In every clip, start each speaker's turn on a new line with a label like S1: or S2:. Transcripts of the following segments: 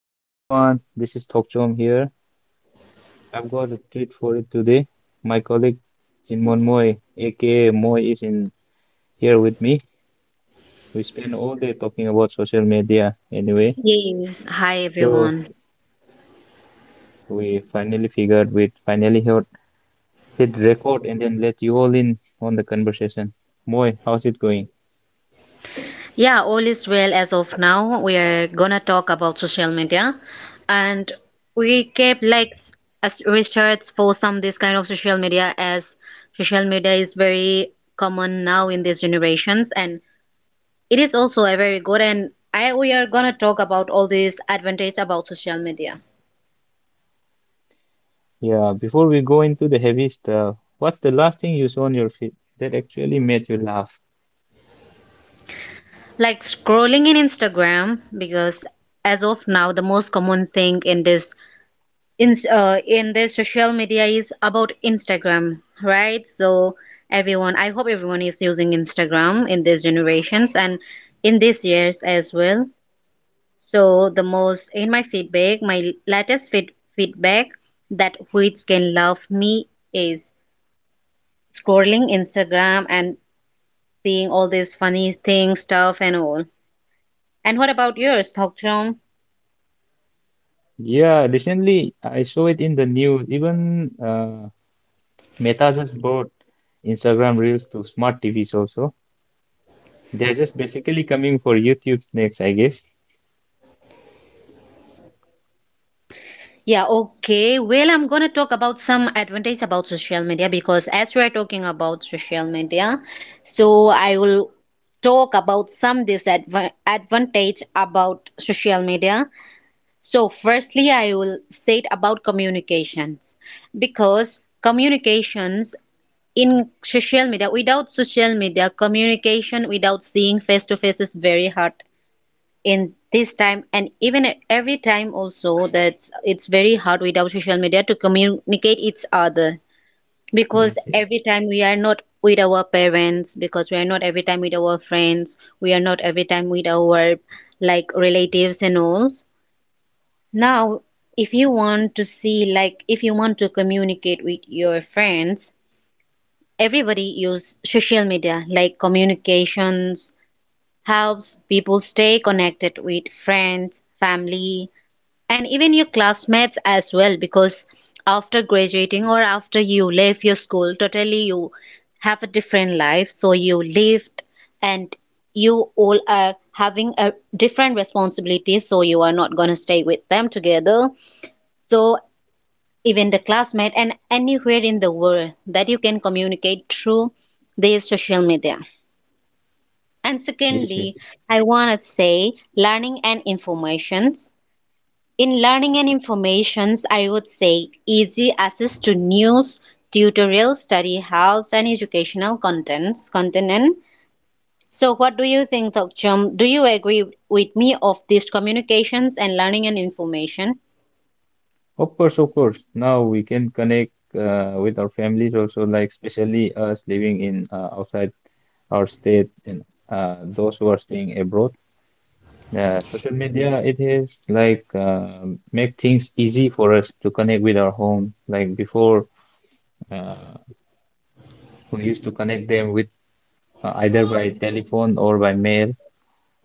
S1: Hey everyone, this is Tokchom here. I've got a treat for you today. My colleague Jinmon Moy, aka Moy, is in here with me. We spent all day talking about social media anyway,
S2: Yes, hi
S1: so
S2: everyone.
S1: we finally figured we'd hit record and then let you all in on the conversation. Moy, how's it going?
S2: Yeah, all is well as of now. We are gonna talk about social media, and we kept like as research for some this kind of social media as social media is very common now in these generations, and it is also a very good. And I we are gonna talk about all these advantage about social media,
S1: Yeah, before we go into the heavy stuff, what's the last thing you saw on your feed that actually made you laugh?
S2: like scrolling in Instagram because as of now the most common thing in this in this social media is about Instagram, right? So everyone I hope everyone is using Instagram in these generations and in these years as well. So the most in my feedback my latest feedback that which can love me is scrolling Instagram and seeing all these funny things stuff and all. And what about yours, Thokchom?
S1: Yeah, recently I saw it in the news. Even Meta just brought Instagram Reels to smart TVs also. They're just basically coming for YouTube next, I guess.
S2: Yeah, okay. Well, I'm going to talk about some advantage about social media because as we are talking about social media, so I will talk about some disadvantage advantage about social media. So, firstly, I will say it about communications because communications in social media, without social media, communication without seeing face to face is very hard in this time and even every time also that it's very hard without social media to communicate each other because
S1: Yes, yes,
S2: every time we are not with our parents, because we are not every time with our friends, we are not every time with our like relatives and all. Now if you want to see like if you want to communicate with your friends, everybody use social media, like communications helps people stay connected with friends, family, and even your classmates as well, because after graduating or after you leave your school totally, you have a different life, so you lived, and you all are having a different responsibility, so you are not going to stay with them together. So even the classmate and anywhere in the world, that you can communicate through these social media. And
S1: yes, yes.
S2: secondly, I want to say learning and information. In learning and informations, I would say easy access to news, tutorials, study helps, and educational contents. Content and So, what do you think, Thokchum? Do you agree with me of these communications and learning and information?
S1: Of course, of course. Now we can connect with our families also, like especially us living in outside our state and those who are staying abroad. Social media, it is like make things easy for us to connect with our home. Like before, uh, we used to connect them with either by telephone or by mail.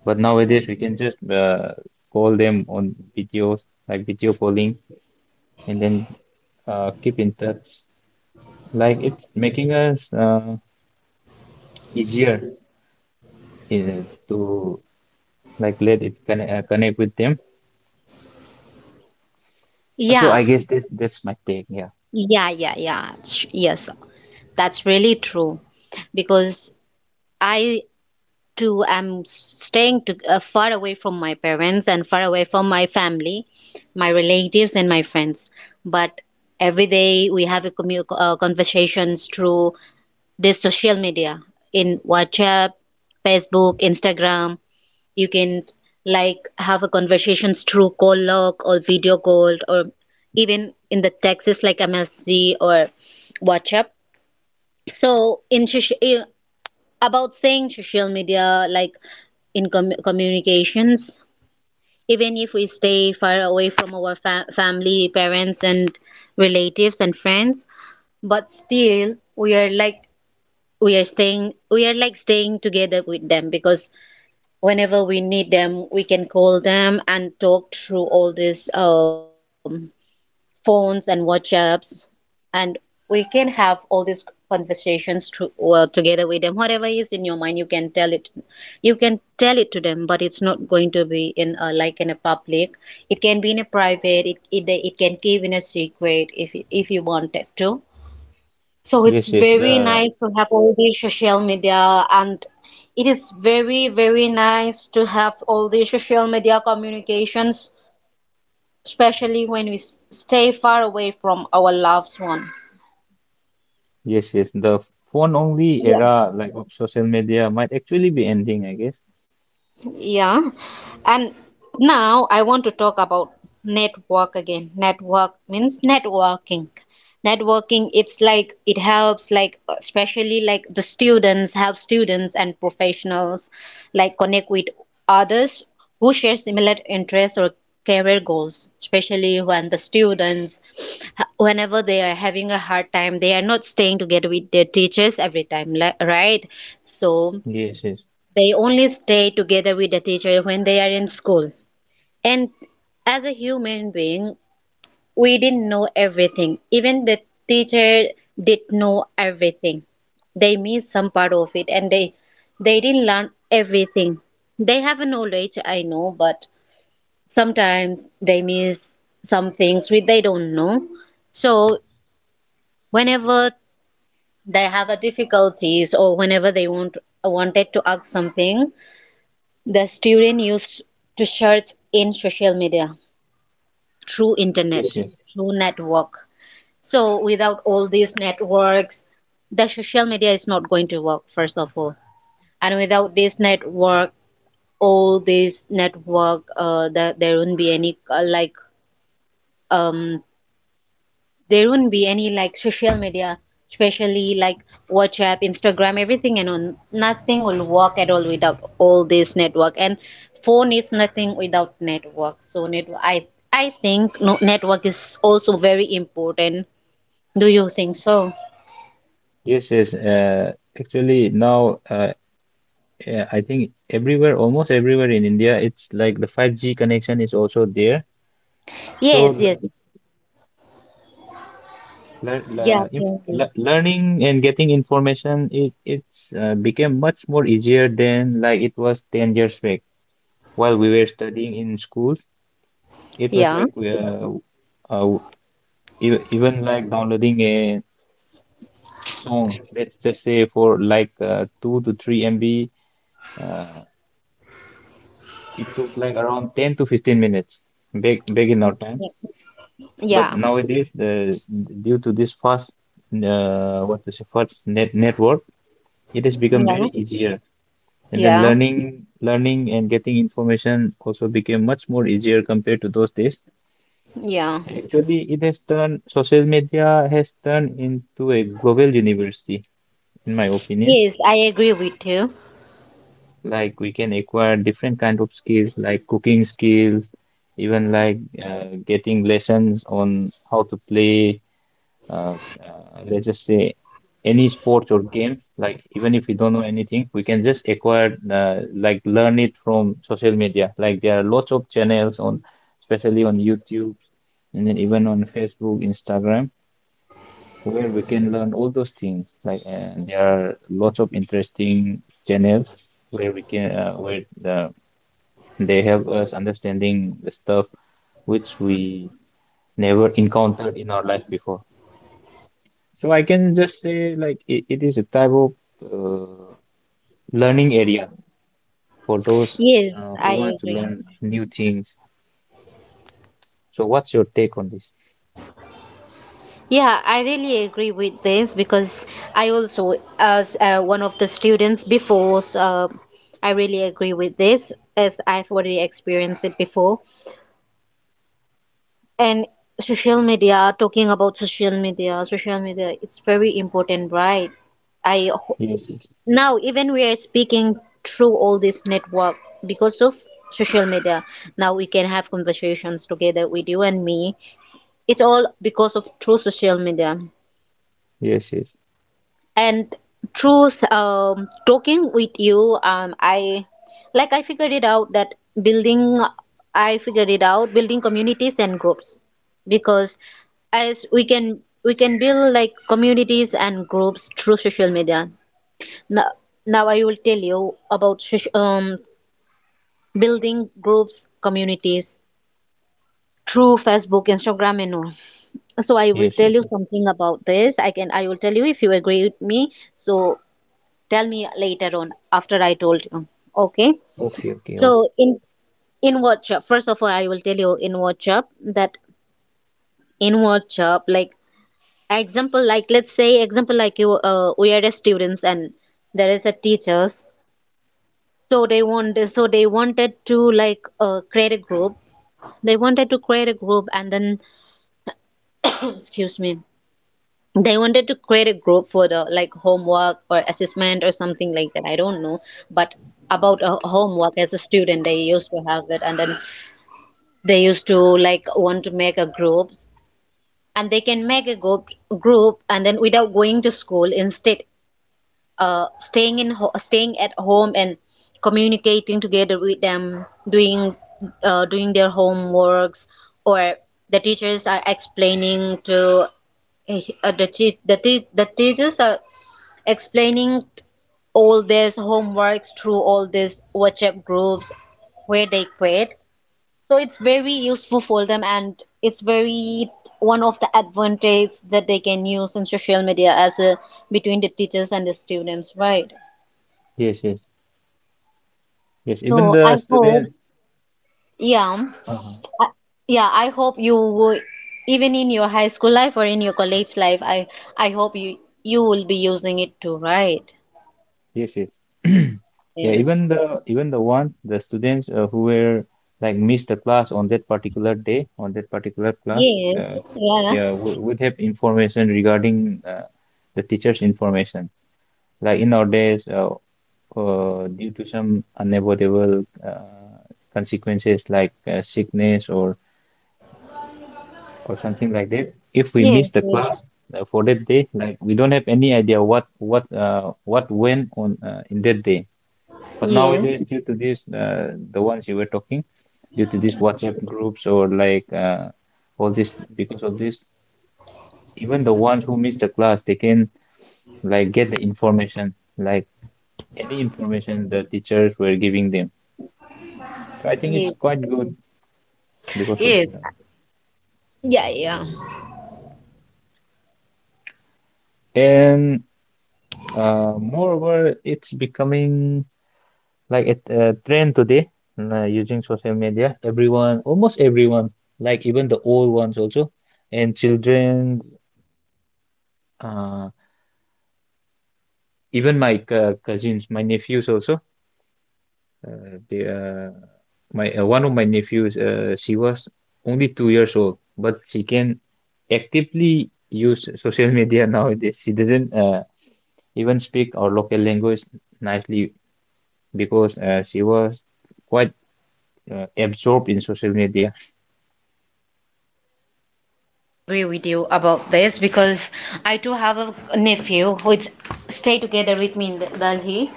S1: But nowadays we can just call them on videos, like video calling, and then keep in touch. Like it's making us easier to like let it connect with them. So I
S2: Yeah,
S1: guess that's my take. Yeah.
S2: yeah, yeah, yeah. Yes, that's really true because I I'm staying far away from my parents and far away from my family, my relatives and my friends. But every day we have a conversations through this social media, in WhatsApp, Facebook, Instagram. You can like have a conversations through call log or video call, or even in the texts like MSC or WhatsApp. So about saying social media, like in communications, even if we stay far away from our family, parents, and relatives, and friends, but still we are like, we are like staying together with them, because whenever we need them, we can call them and talk through all this phones and WhatsApps, and we can have all these conversations well, together with them. Whatever is in your mind, you can tell it. You can tell it to them, but it's not going to be in a, like in a public. It can be in a private. It can keep in a secret if you wanted to. So it's
S1: Yes, yes.
S2: very
S1: The
S2: nice to have all these social media, and it is very, very nice to have all these social media communications, especially when we stay far away from our loved one.
S1: yes, yes. The phone only era like of social media might actually be ending, I guess.
S2: Yeah. And now I want to talk about network again. Network means networking. Networking, it's like it helps, like, especially like the students, help students and professionals, like, connect with others who share similar interests or career goals, especially when the students, whenever they are having a hard time, they are not staying together with their teachers every time, right? So,
S1: Yes, yes.
S2: they only stay together with the teacher when they are in school. And as a human being, we didn't know everything. Even the teacher did know everything. They missed some part of it, and they didn't learn everything. They have a knowledge, I know, but sometimes they miss some things which they don't know. So whenever they have a difficulties or whenever they wanted to ask something, the student used to search in social media through
S1: Yes,
S2: internet,
S1: yes.
S2: through network. So without all these networks, the social media is not going to work, first of all. And without this network, all this network, there won't be any like um there wouldn't be any like social media, especially like WhatsApp, Instagram, everything, and on, nothing will work at all without all this network. And phone is nothing without network. So network, I think, no, network is also very important. Do you think so?
S1: Yes, yes. Actually now, yeah, I think everywhere, almost everywhere in India, it's like the 5G connection is also there.
S2: Yes,
S1: So
S2: yes. Yeah, tell me.
S1: learning and getting information, it it's became much more easier than like it was 10 years back while we were studying in schools. It was
S2: Yeah,
S1: like uh, even like downloading a song, let's just say for like 2 to 3 MB, uh, it took like around 10 to 15 minutes back in our time.
S2: yeah,
S1: But
S2: yeah,
S1: nowadays, the due to this fast, what is it, fast network, it has become
S2: yeah,
S1: very easier. And then
S2: yeah,
S1: learning and getting information also became much more easier compared to those days.
S2: yeah.
S1: Actually, it has turned social media has turned into a global university, in my opinion.
S2: Yes, I agree with you.
S1: Like we can acquire different kind of skills, like cooking skills, even like getting lessons on how to play uh, let's just say any sports or games like even if we don't know anything we can just acquire like learn it from social media like there are lots of channels on especially on YouTube and then even on Facebook Instagram where we can learn all those things like and there are lots of interesting channels where we can they help us understanding the stuff which we never encountered in our life before. So I can just say like it is a type of uh, learning area for those
S2: Yes,
S1: uh, who
S2: I
S1: wants to
S2: agree.
S1: learn new things. So what's your take on this?
S2: Yeah, I really agree with this because I also, as one of the students before, so I really agree with this as I've already experienced it before. And social media, talking about social media, it's very important, right? I ho-
S1: Yes, yes,
S2: Now even we are speaking through all this network because of social media. Now we can have conversations together with you and me. It's all because of through social media.
S1: yes, yes,
S2: And through talking with you, like i figured it out that building I figured it out building communities and groups, because as we can build like communities and groups through social media. Now, now I will tell you about building groups communities through Facebook, Instagram and all. So I will
S1: yes,
S2: tell
S1: yes,
S2: you
S1: yes.
S2: something about this. I will tell you if you agree with me, so tell me later on after I told you. Okay.
S1: Okay, okay, okay.
S2: So in WhatsApp, first of all, I will tell you in WhatsApp that in WhatsApp, like example, like let's say example, like you, we are the students and there is a teachers. So they wanted to like create a group. They wanted to create a group and then, excuse me, they wanted to create a group for the like homework or assessment or something like that. I don't know, but about a homework as a student, they used to have it, and then they used to like want to make a groups, and they can make a group and then without going to school, instead staying at home and communicating together with them, doing doing their homeworks, or the teachers are explaining to the teachers are explaining all this homeworks through all these WhatsApp groups where they create. So it's very useful for them, and it's very one of the advantage that they can use in social media as a between the teachers and the students, right?
S1: Yes, yes, yes.
S2: So
S1: Even
S2: I
S1: the
S2: hope.
S1: student.
S2: Yeah.
S1: Uh-huh.
S2: I, yeah, I hope you will- even in your high school life or in your college life, I hope you will be using it too, right?
S1: Yes, yes. Yeah,
S2: Yes,
S1: even the ones the students who were like missed the class on that particular day on that particular class.
S2: yes, yeah
S1: Yeah, would have information regarding the teacher's information. Like in nowadays, due to some unavoidable consequences like sickness or something like that, if we
S2: yes
S1: miss the
S2: yes,
S1: class for that day, like we don't have any idea what went on in that day. But
S2: yes,
S1: nowadays, due to this, the ones you were talking, due to these WhatsApp groups or all this because of this, even the ones who miss the class they can like get the information like any information the teachers were giving them. So I think it's
S2: yes,
S1: quite good because of
S2: yes.
S1: that.
S2: Yeah, yeah.
S1: And moreover, it's becoming like a trend today using social media. Everyone, almost everyone, like even the old ones also, and children, uh, even my c cousins, my nephews also. They, my one of my nephews, she was only 2 years old, but she can actively use social media nowadays. She doesn't even speak our local language nicely because she was quite absorbed in social media.
S2: Agree with you about this because I too have a nephew who is stay together with me in Delhi.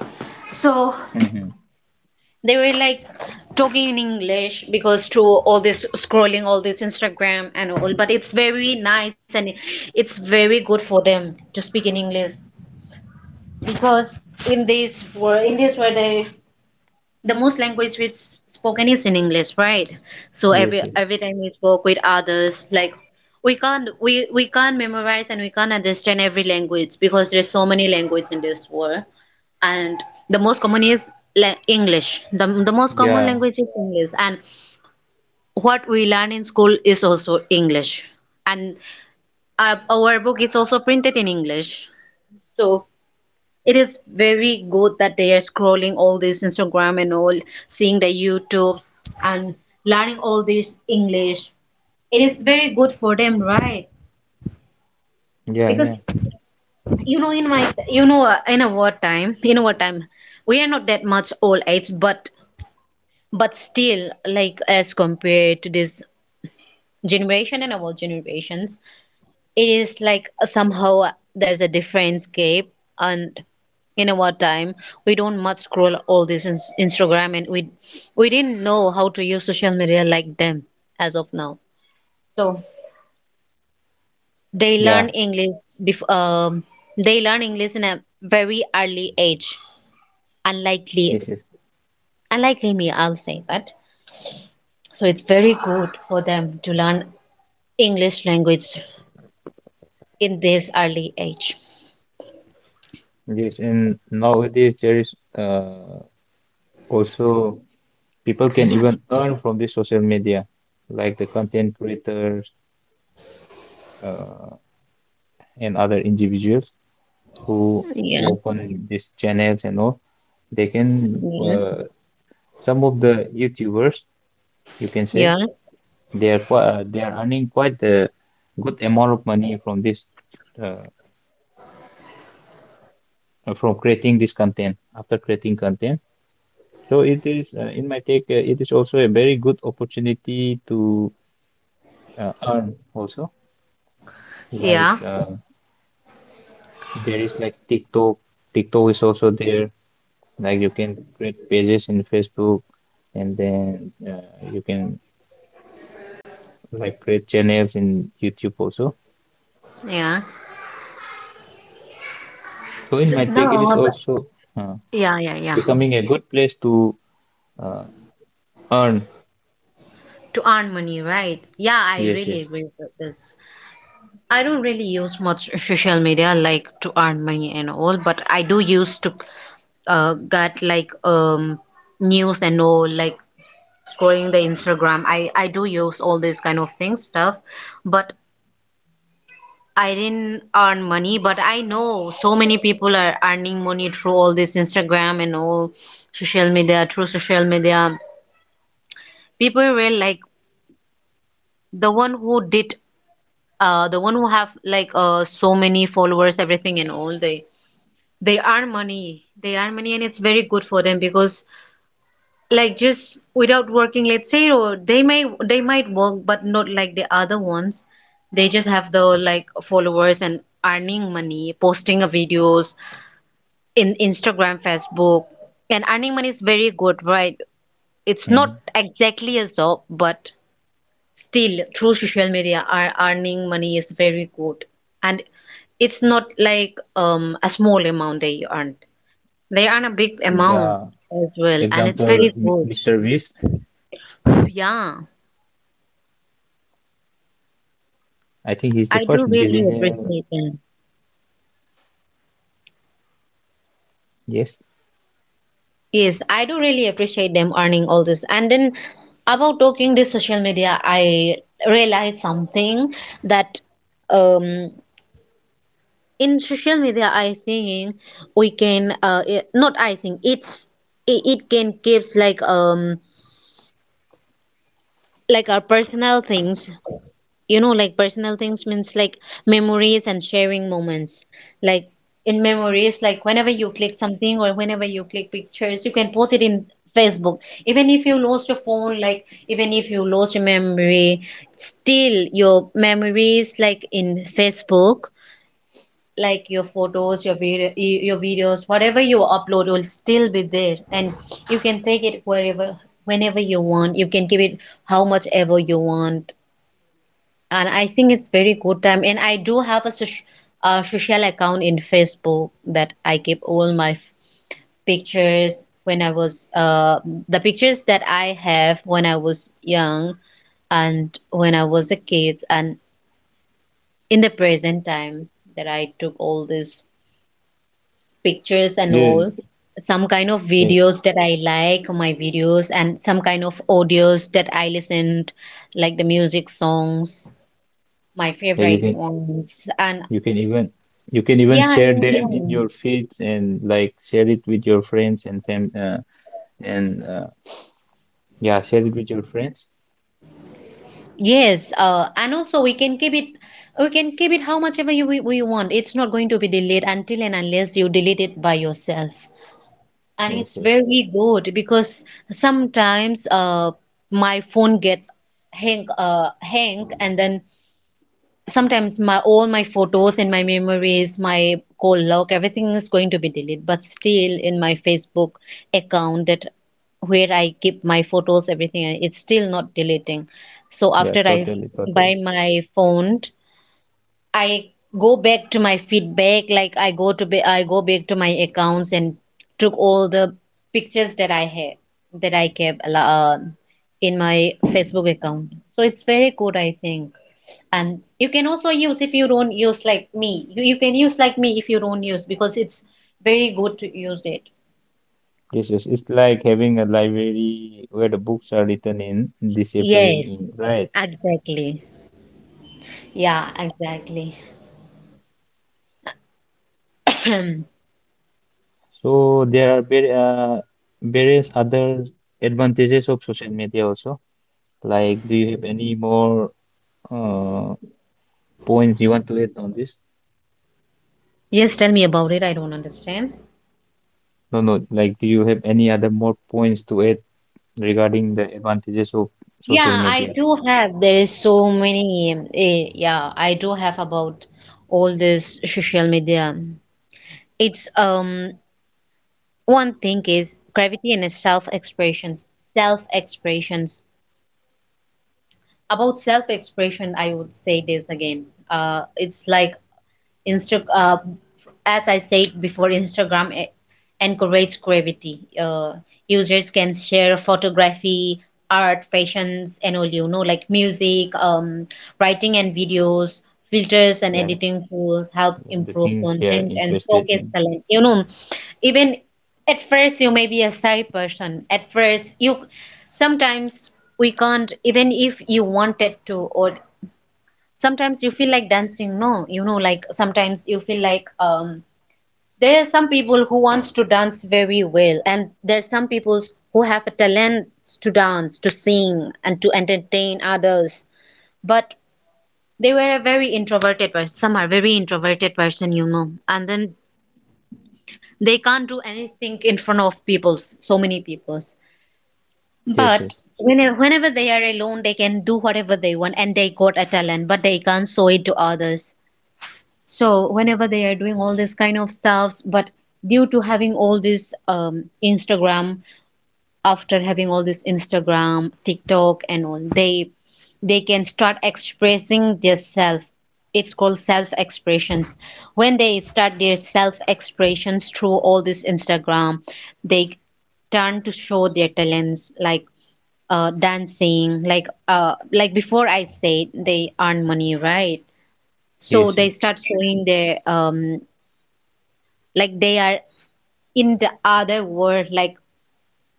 S2: So
S1: Mhm.
S2: they were like talking in English because through all this scrolling, all this Instagram and all. But it's very nice, and it's very good for them to speak in English because in this world, the most language which spoken is in English, right? So every
S1: Yes, yes.
S2: every time we spoke with others like we can't memorize, and we can't understand every language because there's so many language in this world. And the most common is English. The most common
S1: Yeah,
S2: language is English. And what we learn in school is also English. And our book is also printed in English. So it is very good that they are scrolling all this Instagram and all, seeing the YouTubes and learning all this English. It is very good for them, right?
S1: yeah, yeah,
S2: Because you know, in my you know, we are not that much old age, but still, like as compared to this generation and our generations, it is like somehow there's a different scape, and in our time, we don't much scroll all this Instagram, and we didn't know how to use social media like them as of now. So they learn
S1: yeah.
S2: English bef- um, they learn English in a very early age. Unlikely,
S1: Yes, yes,
S2: unlikely me, I'll say that. So it's very good for them to learn English language in this early age.
S1: yes. And nowadays there is also people can even earn from this social media, like the content creators, uh, and other individuals who who
S2: Yeah,
S1: open these channels and all they can
S2: yeah,
S1: some of the YouTubers you can say
S2: yeah,
S1: they are quite they are earning quite a good amount of money from this, uh, from creating content. So it is in my take, it is also a very good opportunity to earn also, like,
S2: yeah,
S1: there is like TikTok. TikTok is also there. Like you can create pages in Facebook, and then you can like create channels in YouTube also.
S2: yeah.
S1: So in
S2: So,
S1: my
S2: no,
S1: tech, it is
S2: but
S1: also uh,
S2: yeah, yeah, yeah.
S1: becoming a good place to uh, earn.
S2: To earn money, right? Yeah, I
S1: Yes,
S2: really
S1: yes.
S2: agree with this. I don't really use much social media like to earn money and all, but I do use to get like news and all like scrolling the Instagram. I do use all this kind of things stuff, but I didn't earn money. But I know so many people are earning money through all this Instagram and all social media, through social media. People will like the one who did the one who have like so many followers, everything, and all, they they earn money, and it's very good for them because like just without working, let's say, or they might work but not like the other ones. They just have the like followers and earning money posting a videos in Instagram, Facebook, and earning money is very good, right? It's not
S1: hmm
S2: exactly a job, but still through social media are earning money is very good. And it's not like a small amount they earn, they earn a big amount
S1: Yeah.
S2: as well, and it's
S1: Example,
S2: very good.
S1: Mr. Beast.
S2: Yeah,
S1: I think he's the
S2: I do
S1: first
S2: really
S1: billionaire.
S2: appreciate them.
S1: Yes.
S2: Yes, I do really appreciate them earning all this. And then about talking this social media, I realized something, that um in social media I think we can not I think it's it can gives like our personal things, you know, like personal things means like memories and sharing moments. Like in memories, like whenever you click something or whenever you click pictures, you can post it in Facebook. Even if you lost your phone, like even if you lost your memory, still your memories like in Facebook, like your photos, your video, your videos, whatever you upload will still be there, and you can take it wherever, whenever you want, you can keep it how much ever you want. And I think it's very good time, and I do have a social account in Facebook that I keep all pictures when I was the pictures that I have when I was young, and when I was a kid, and in the present time, that I took all this pictures and
S1: Yeah.
S2: all, some kind of
S1: Yeah.
S2: videos that I like, my videos, and some kind of audios that I listened, like the music songs, my
S1: Yeah.
S2: favorite ones, and
S1: You can even you can even
S2: yeah,
S1: share
S2: yeah,
S1: them in
S2: yeah.
S1: your feeds and like share it with your friends and fam and yeah share it with your friends.
S2: Yes, and also we can keep it, we can keep it how much ever we want. It's not going to be deleted until and unless you delete it by yourself. And
S1: Yes,
S2: it's
S1: yes.
S2: very good because sometimes my phone gets hang, and then sometimes my all my photos and my memories, my call log, everything is going to be deleted, but still in my Facebook account that where I keep my photos, everything, it's still not deleting. So
S1: Yeah,
S2: after I
S1: totally, totally.
S2: buy my phone, I go back to my feedback, like I I go back to my accounts and took all the pictures that I had, that I kept in my Facebook account. So it's very good, I think. And you can also use if you don't use like me. You can use like me if you don't use, because it's very good to use it.
S1: Yes, yes. It's like having a library where the books are written in, disappearing
S2: Yes,
S1: in, right?
S2: exactly. Yeah, exactly.
S1: So there are very, various other advantages of social media also. Like, do you have any more uh, points you want to add on this?
S2: Yes, tell me about it. I don't understand.
S1: No, no. Like, do you have any other more points to add regarding the advantages of social
S2: Yeah, I
S1: media?
S2: do have. There is so many. Yeah, I do have about all this social media. It's one thing is gravity and self expressions. Self expressions about self expression, I would say this again. It's like Insta as I said before, encourages creativity. Users can share photography, art, fashions, and all, you know, like music, writing, and videos. Filters and
S1: Yeah,
S2: editing tools help
S1: the
S2: improve
S1: things they are
S2: content and
S1: interested
S2: focus
S1: in.
S2: talent. You know, even at first you may be a shy person. At first you sometimes we can't, even if you wanted to, or sometimes you feel like dancing, no, you know, like sometimes you feel like there are some people who wants to dance very well, and there's some people who have a talent to dance, to sing, and to entertain others, but they were a very introverted person, some are very introverted person, you know, and then they can't do anything in front of people's, so many people's,
S1: Yes, yes,
S2: but whenever they are alone they can do whatever they want, and they got a talent but they can't show it to others. So whenever they are doing all this kind of stuffs, but due to having all this Instagram, after having all this Instagram, TikTok, and all, they can start expressing their self. It's called self expressions. When they start their self expressions through all this Instagram, they turn to show their talents, like dancing, like before I said, they earn money, right? So
S1: yes,
S2: they
S1: yes,
S2: start showing their like they are in the other world, like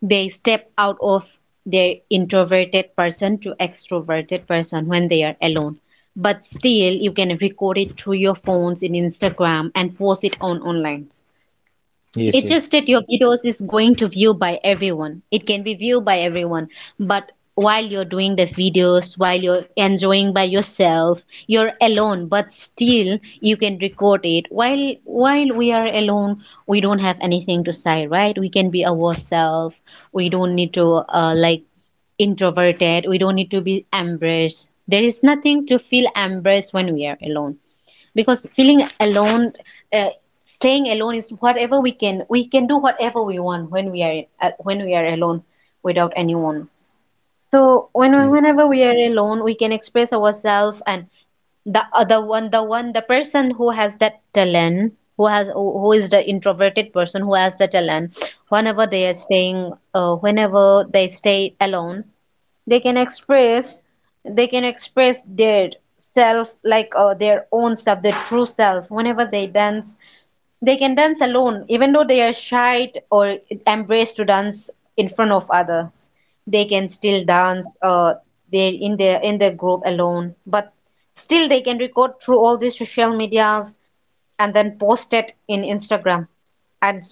S2: they step out of their introverted person to extroverted person. When they are alone, but still you can record it through your phones in Instagram and post it on online.
S1: yes,
S2: It's
S1: yes,
S2: just that
S1: yes,
S2: your videos is going to view by everyone, it can be viewed by everyone. But while you're doing the videos, while you're enjoying by yourself, you're alone, but still you can record it. While we are alone, we don't have anything to say, right? We can be ourselves. We don't need to like introverted, we don't need to be embarrassed. There is nothing to feel embarrassed when we are alone, because feeling alone, uh, staying alone is whatever we can, we can do whatever we want when we are alone, without anyone. So when whenever we are alone, we can express ourselves. And the other one, the one, the person who has that talent, who has, who is the introverted person who has the talent, whenever they are staying whenever they stay alone, they can express, they can express their self, like their own self, their true self. Whenever they dance, they can dance alone, even though they are shy or embrace to dance in front of others, they can still dance, they in their group alone, but still they can record through all these social medias, and then post it in Instagram, and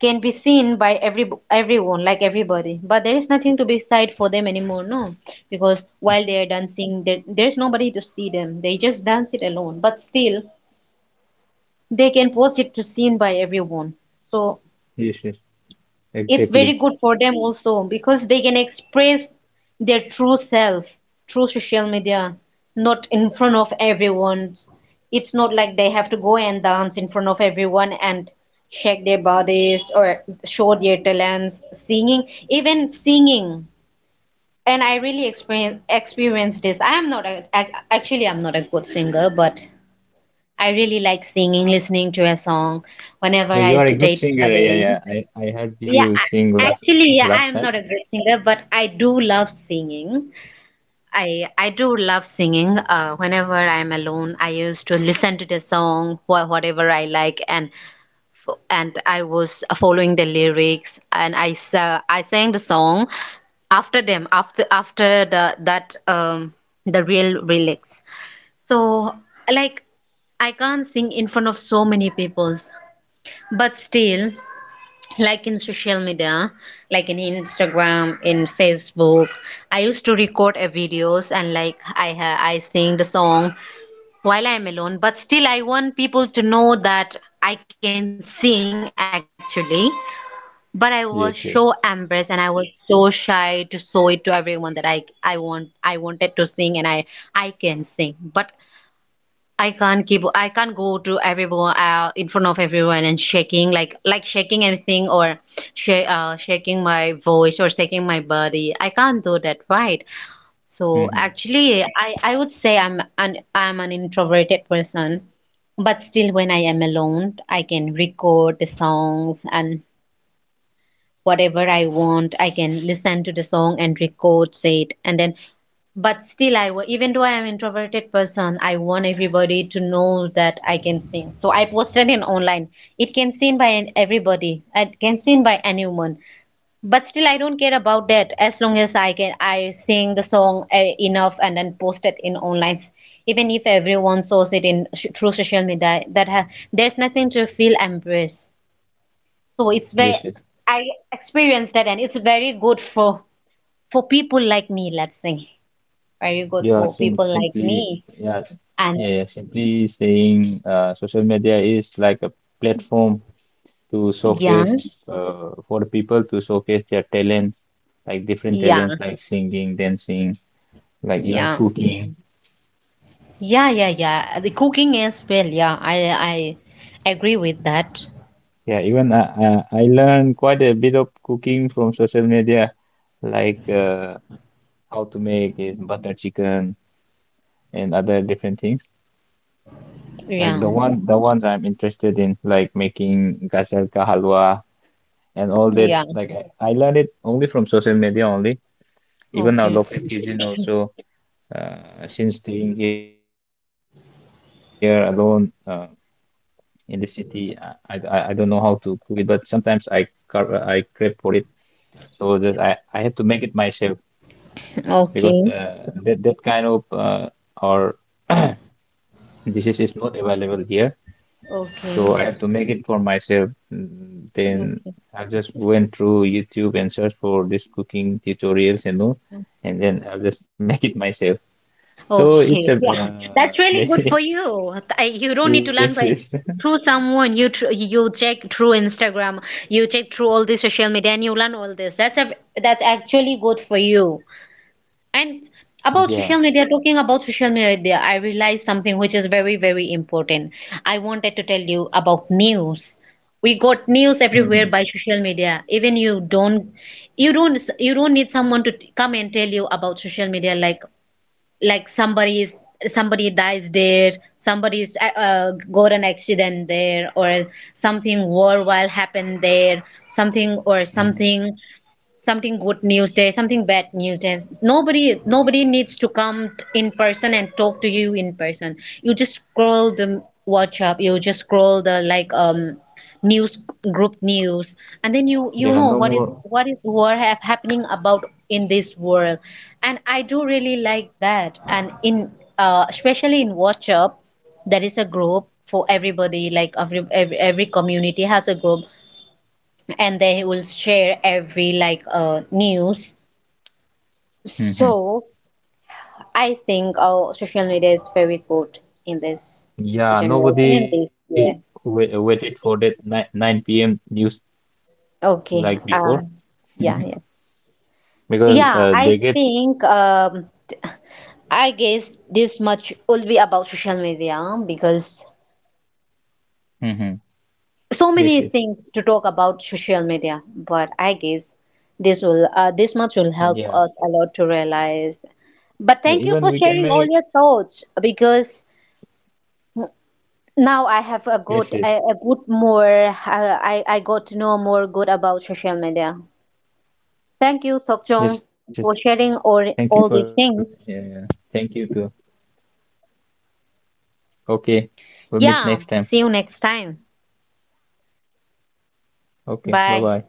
S2: can be seen by every everyone like everybody. But there is nothing to be said for them anymore, no, because while they are dancing there, there's nobody to see them, they just dance it alone, but still they can post it to seen by everyone. So
S1: yes. yes.
S2: it's very
S1: Exactly.
S2: good for them also, because they can express their true self through social media, not in front of everyone. It's not like they have to go and dance in front of everyone and shake their bodies or show their talents singing, even singing. And I really experienced this. I am not a, ac- actually I'm not a good singer, but I really like singing, listening to a song
S1: No,
S2: whenever
S1: you are
S2: I
S1: a good
S2: stayed
S1: singer. Yeah,
S2: alone.
S1: yeah. I heard you
S2: Yeah,
S1: sing
S2: actually, yeah,
S1: last
S2: I
S1: time.
S2: am not a great singer, but I do love singing. I do love singing. Whenever I'm alone, I used to listen to the song, whatever I like, and and I was following the lyrics, and I sang the song after them, after the that the real lyrics. So like I can't sing in front of so many peoples, but still like in social media, like in Instagram, in Facebook, I used to record a videos, and like I sing the song while I'm alone, but still I want people to know that I can sing actually. But I was so
S1: Yes, yes.
S2: embarrassed, and I was so shy to show it to everyone that I wanted to sing, and I can sing, but I can't go to everyone in front of everyone and shaking like shaking anything or shaking my voice or shaking my body. I can't do that, right? So
S1: hmm
S2: actually, I would say I'm an introverted person, but still when I am alone, I can record the songs and whatever I want. I can listen to the song and record it, and then but still even though I am introverted person, I want everybody to know that I can sing, so I posted it online. It can seen by everybody, it can seen by anyone, but still I don't care about that, as long as I sing the song enough, and then post it in online. Even if everyone saws it in through social media that there's nothing to feel embarrassed. So it's very,
S1: Yes, yes.
S2: I experienced that, and it's very good for people like me, let's think, very good
S1: You are
S2: for
S1: sim
S2: people like
S1: simply
S2: me
S1: yeah,
S2: and
S1: yeah, yeah, simply saying social media is like a platform to showcase
S2: young.
S1: for the people to showcase their talents, like different
S2: Yeah,
S1: talents like singing, dancing, like even
S2: yeah,
S1: cooking.
S2: yeah, yeah, yeah. The cooking as well. Yeah, I agree with that.
S1: Yeah, even I learned quite a bit of cooking from social media, like how to make is butter chicken and other different things. Like
S2: Yeah,
S1: the ones I'm interested in, like making gajar ka halwa and all that.
S2: yeah.
S1: I learned it only from social media only. Even our
S2: Okay,
S1: local cuisine also. Since staying here alone in this city, I don't know how to cook it, but sometimes I crave for it. So just I have to make it myself
S2: okay,
S1: because that kind of or dishes is not available here.
S2: okay,
S1: So I have to make it for myself. Mm, then
S2: okay,
S1: I just went through YouTube and searched for this cooking tutorials and all, and then I'll just make it myself. So it's a
S2: okay. Yeah, that's really good for
S1: very-
S2: you. I, you don't need to
S1: yes,
S2: learn
S1: yes,
S2: by through someone. You check through Instagram. You check through all the social media, and you learn all this. That's a, that's actually good for you. And about
S1: yeah,
S2: social media, talking about social media, I realized something which is very, very important. I wanted to tell you about news. We got news
S1: hmm
S2: everywhere by social media. Even you don't need someone to come and tell you about social media. Like somebody is, somebody dies there, somebody's got an accident there, or something worldwide happened there, something or
S1: hmm
S2: something, something good news there, something bad news there. Nobody needs to come in person and talk to you in person. You just scroll the WhatsApp, you just scroll the like news, group news, and then you
S1: yeah.
S2: know
S1: No
S2: what is
S1: more.
S2: what is what have happening about in this world. And I do really like that. And in especially in WhatsApp, there is a group for everybody, like every every community has a group, and they will share every like news.
S1: Hmm
S2: So I think social media is very good in this
S1: Yeah,
S2: generation and
S1: nobody
S2: this year.
S1: wait, waited for that nine p.m. news like
S2: Okay.
S1: before
S2: Yeah, yeah.
S1: because
S2: Yeah,
S1: they
S2: I
S1: get.
S2: think I guess this much will be about social media, because
S1: Hmm
S2: so
S1: Yes,
S2: many
S1: yes,
S2: things to talk about social media, but I guess this will this much will help
S1: yeah.
S2: us a lot to realize. But
S1: Yeah,
S2: thank you
S1: even
S2: for
S1: we can
S2: sharing
S1: make
S2: all your thoughts, because now I have a
S1: yes,
S2: good,
S1: yes.
S2: a good more. I got to know more good about social media. Thank
S1: Yes,
S2: you,
S1: yes. Thank you for.
S2: Sokjong,
S1: Yeah.
S2: for
S1: Yeah.
S2: sharing
S1: Thank you too.
S2: all these things.
S1: Okay. We'll meet next time.
S2: Yeah, see you next time.
S1: Okay. Bye bye.
S2: Bye.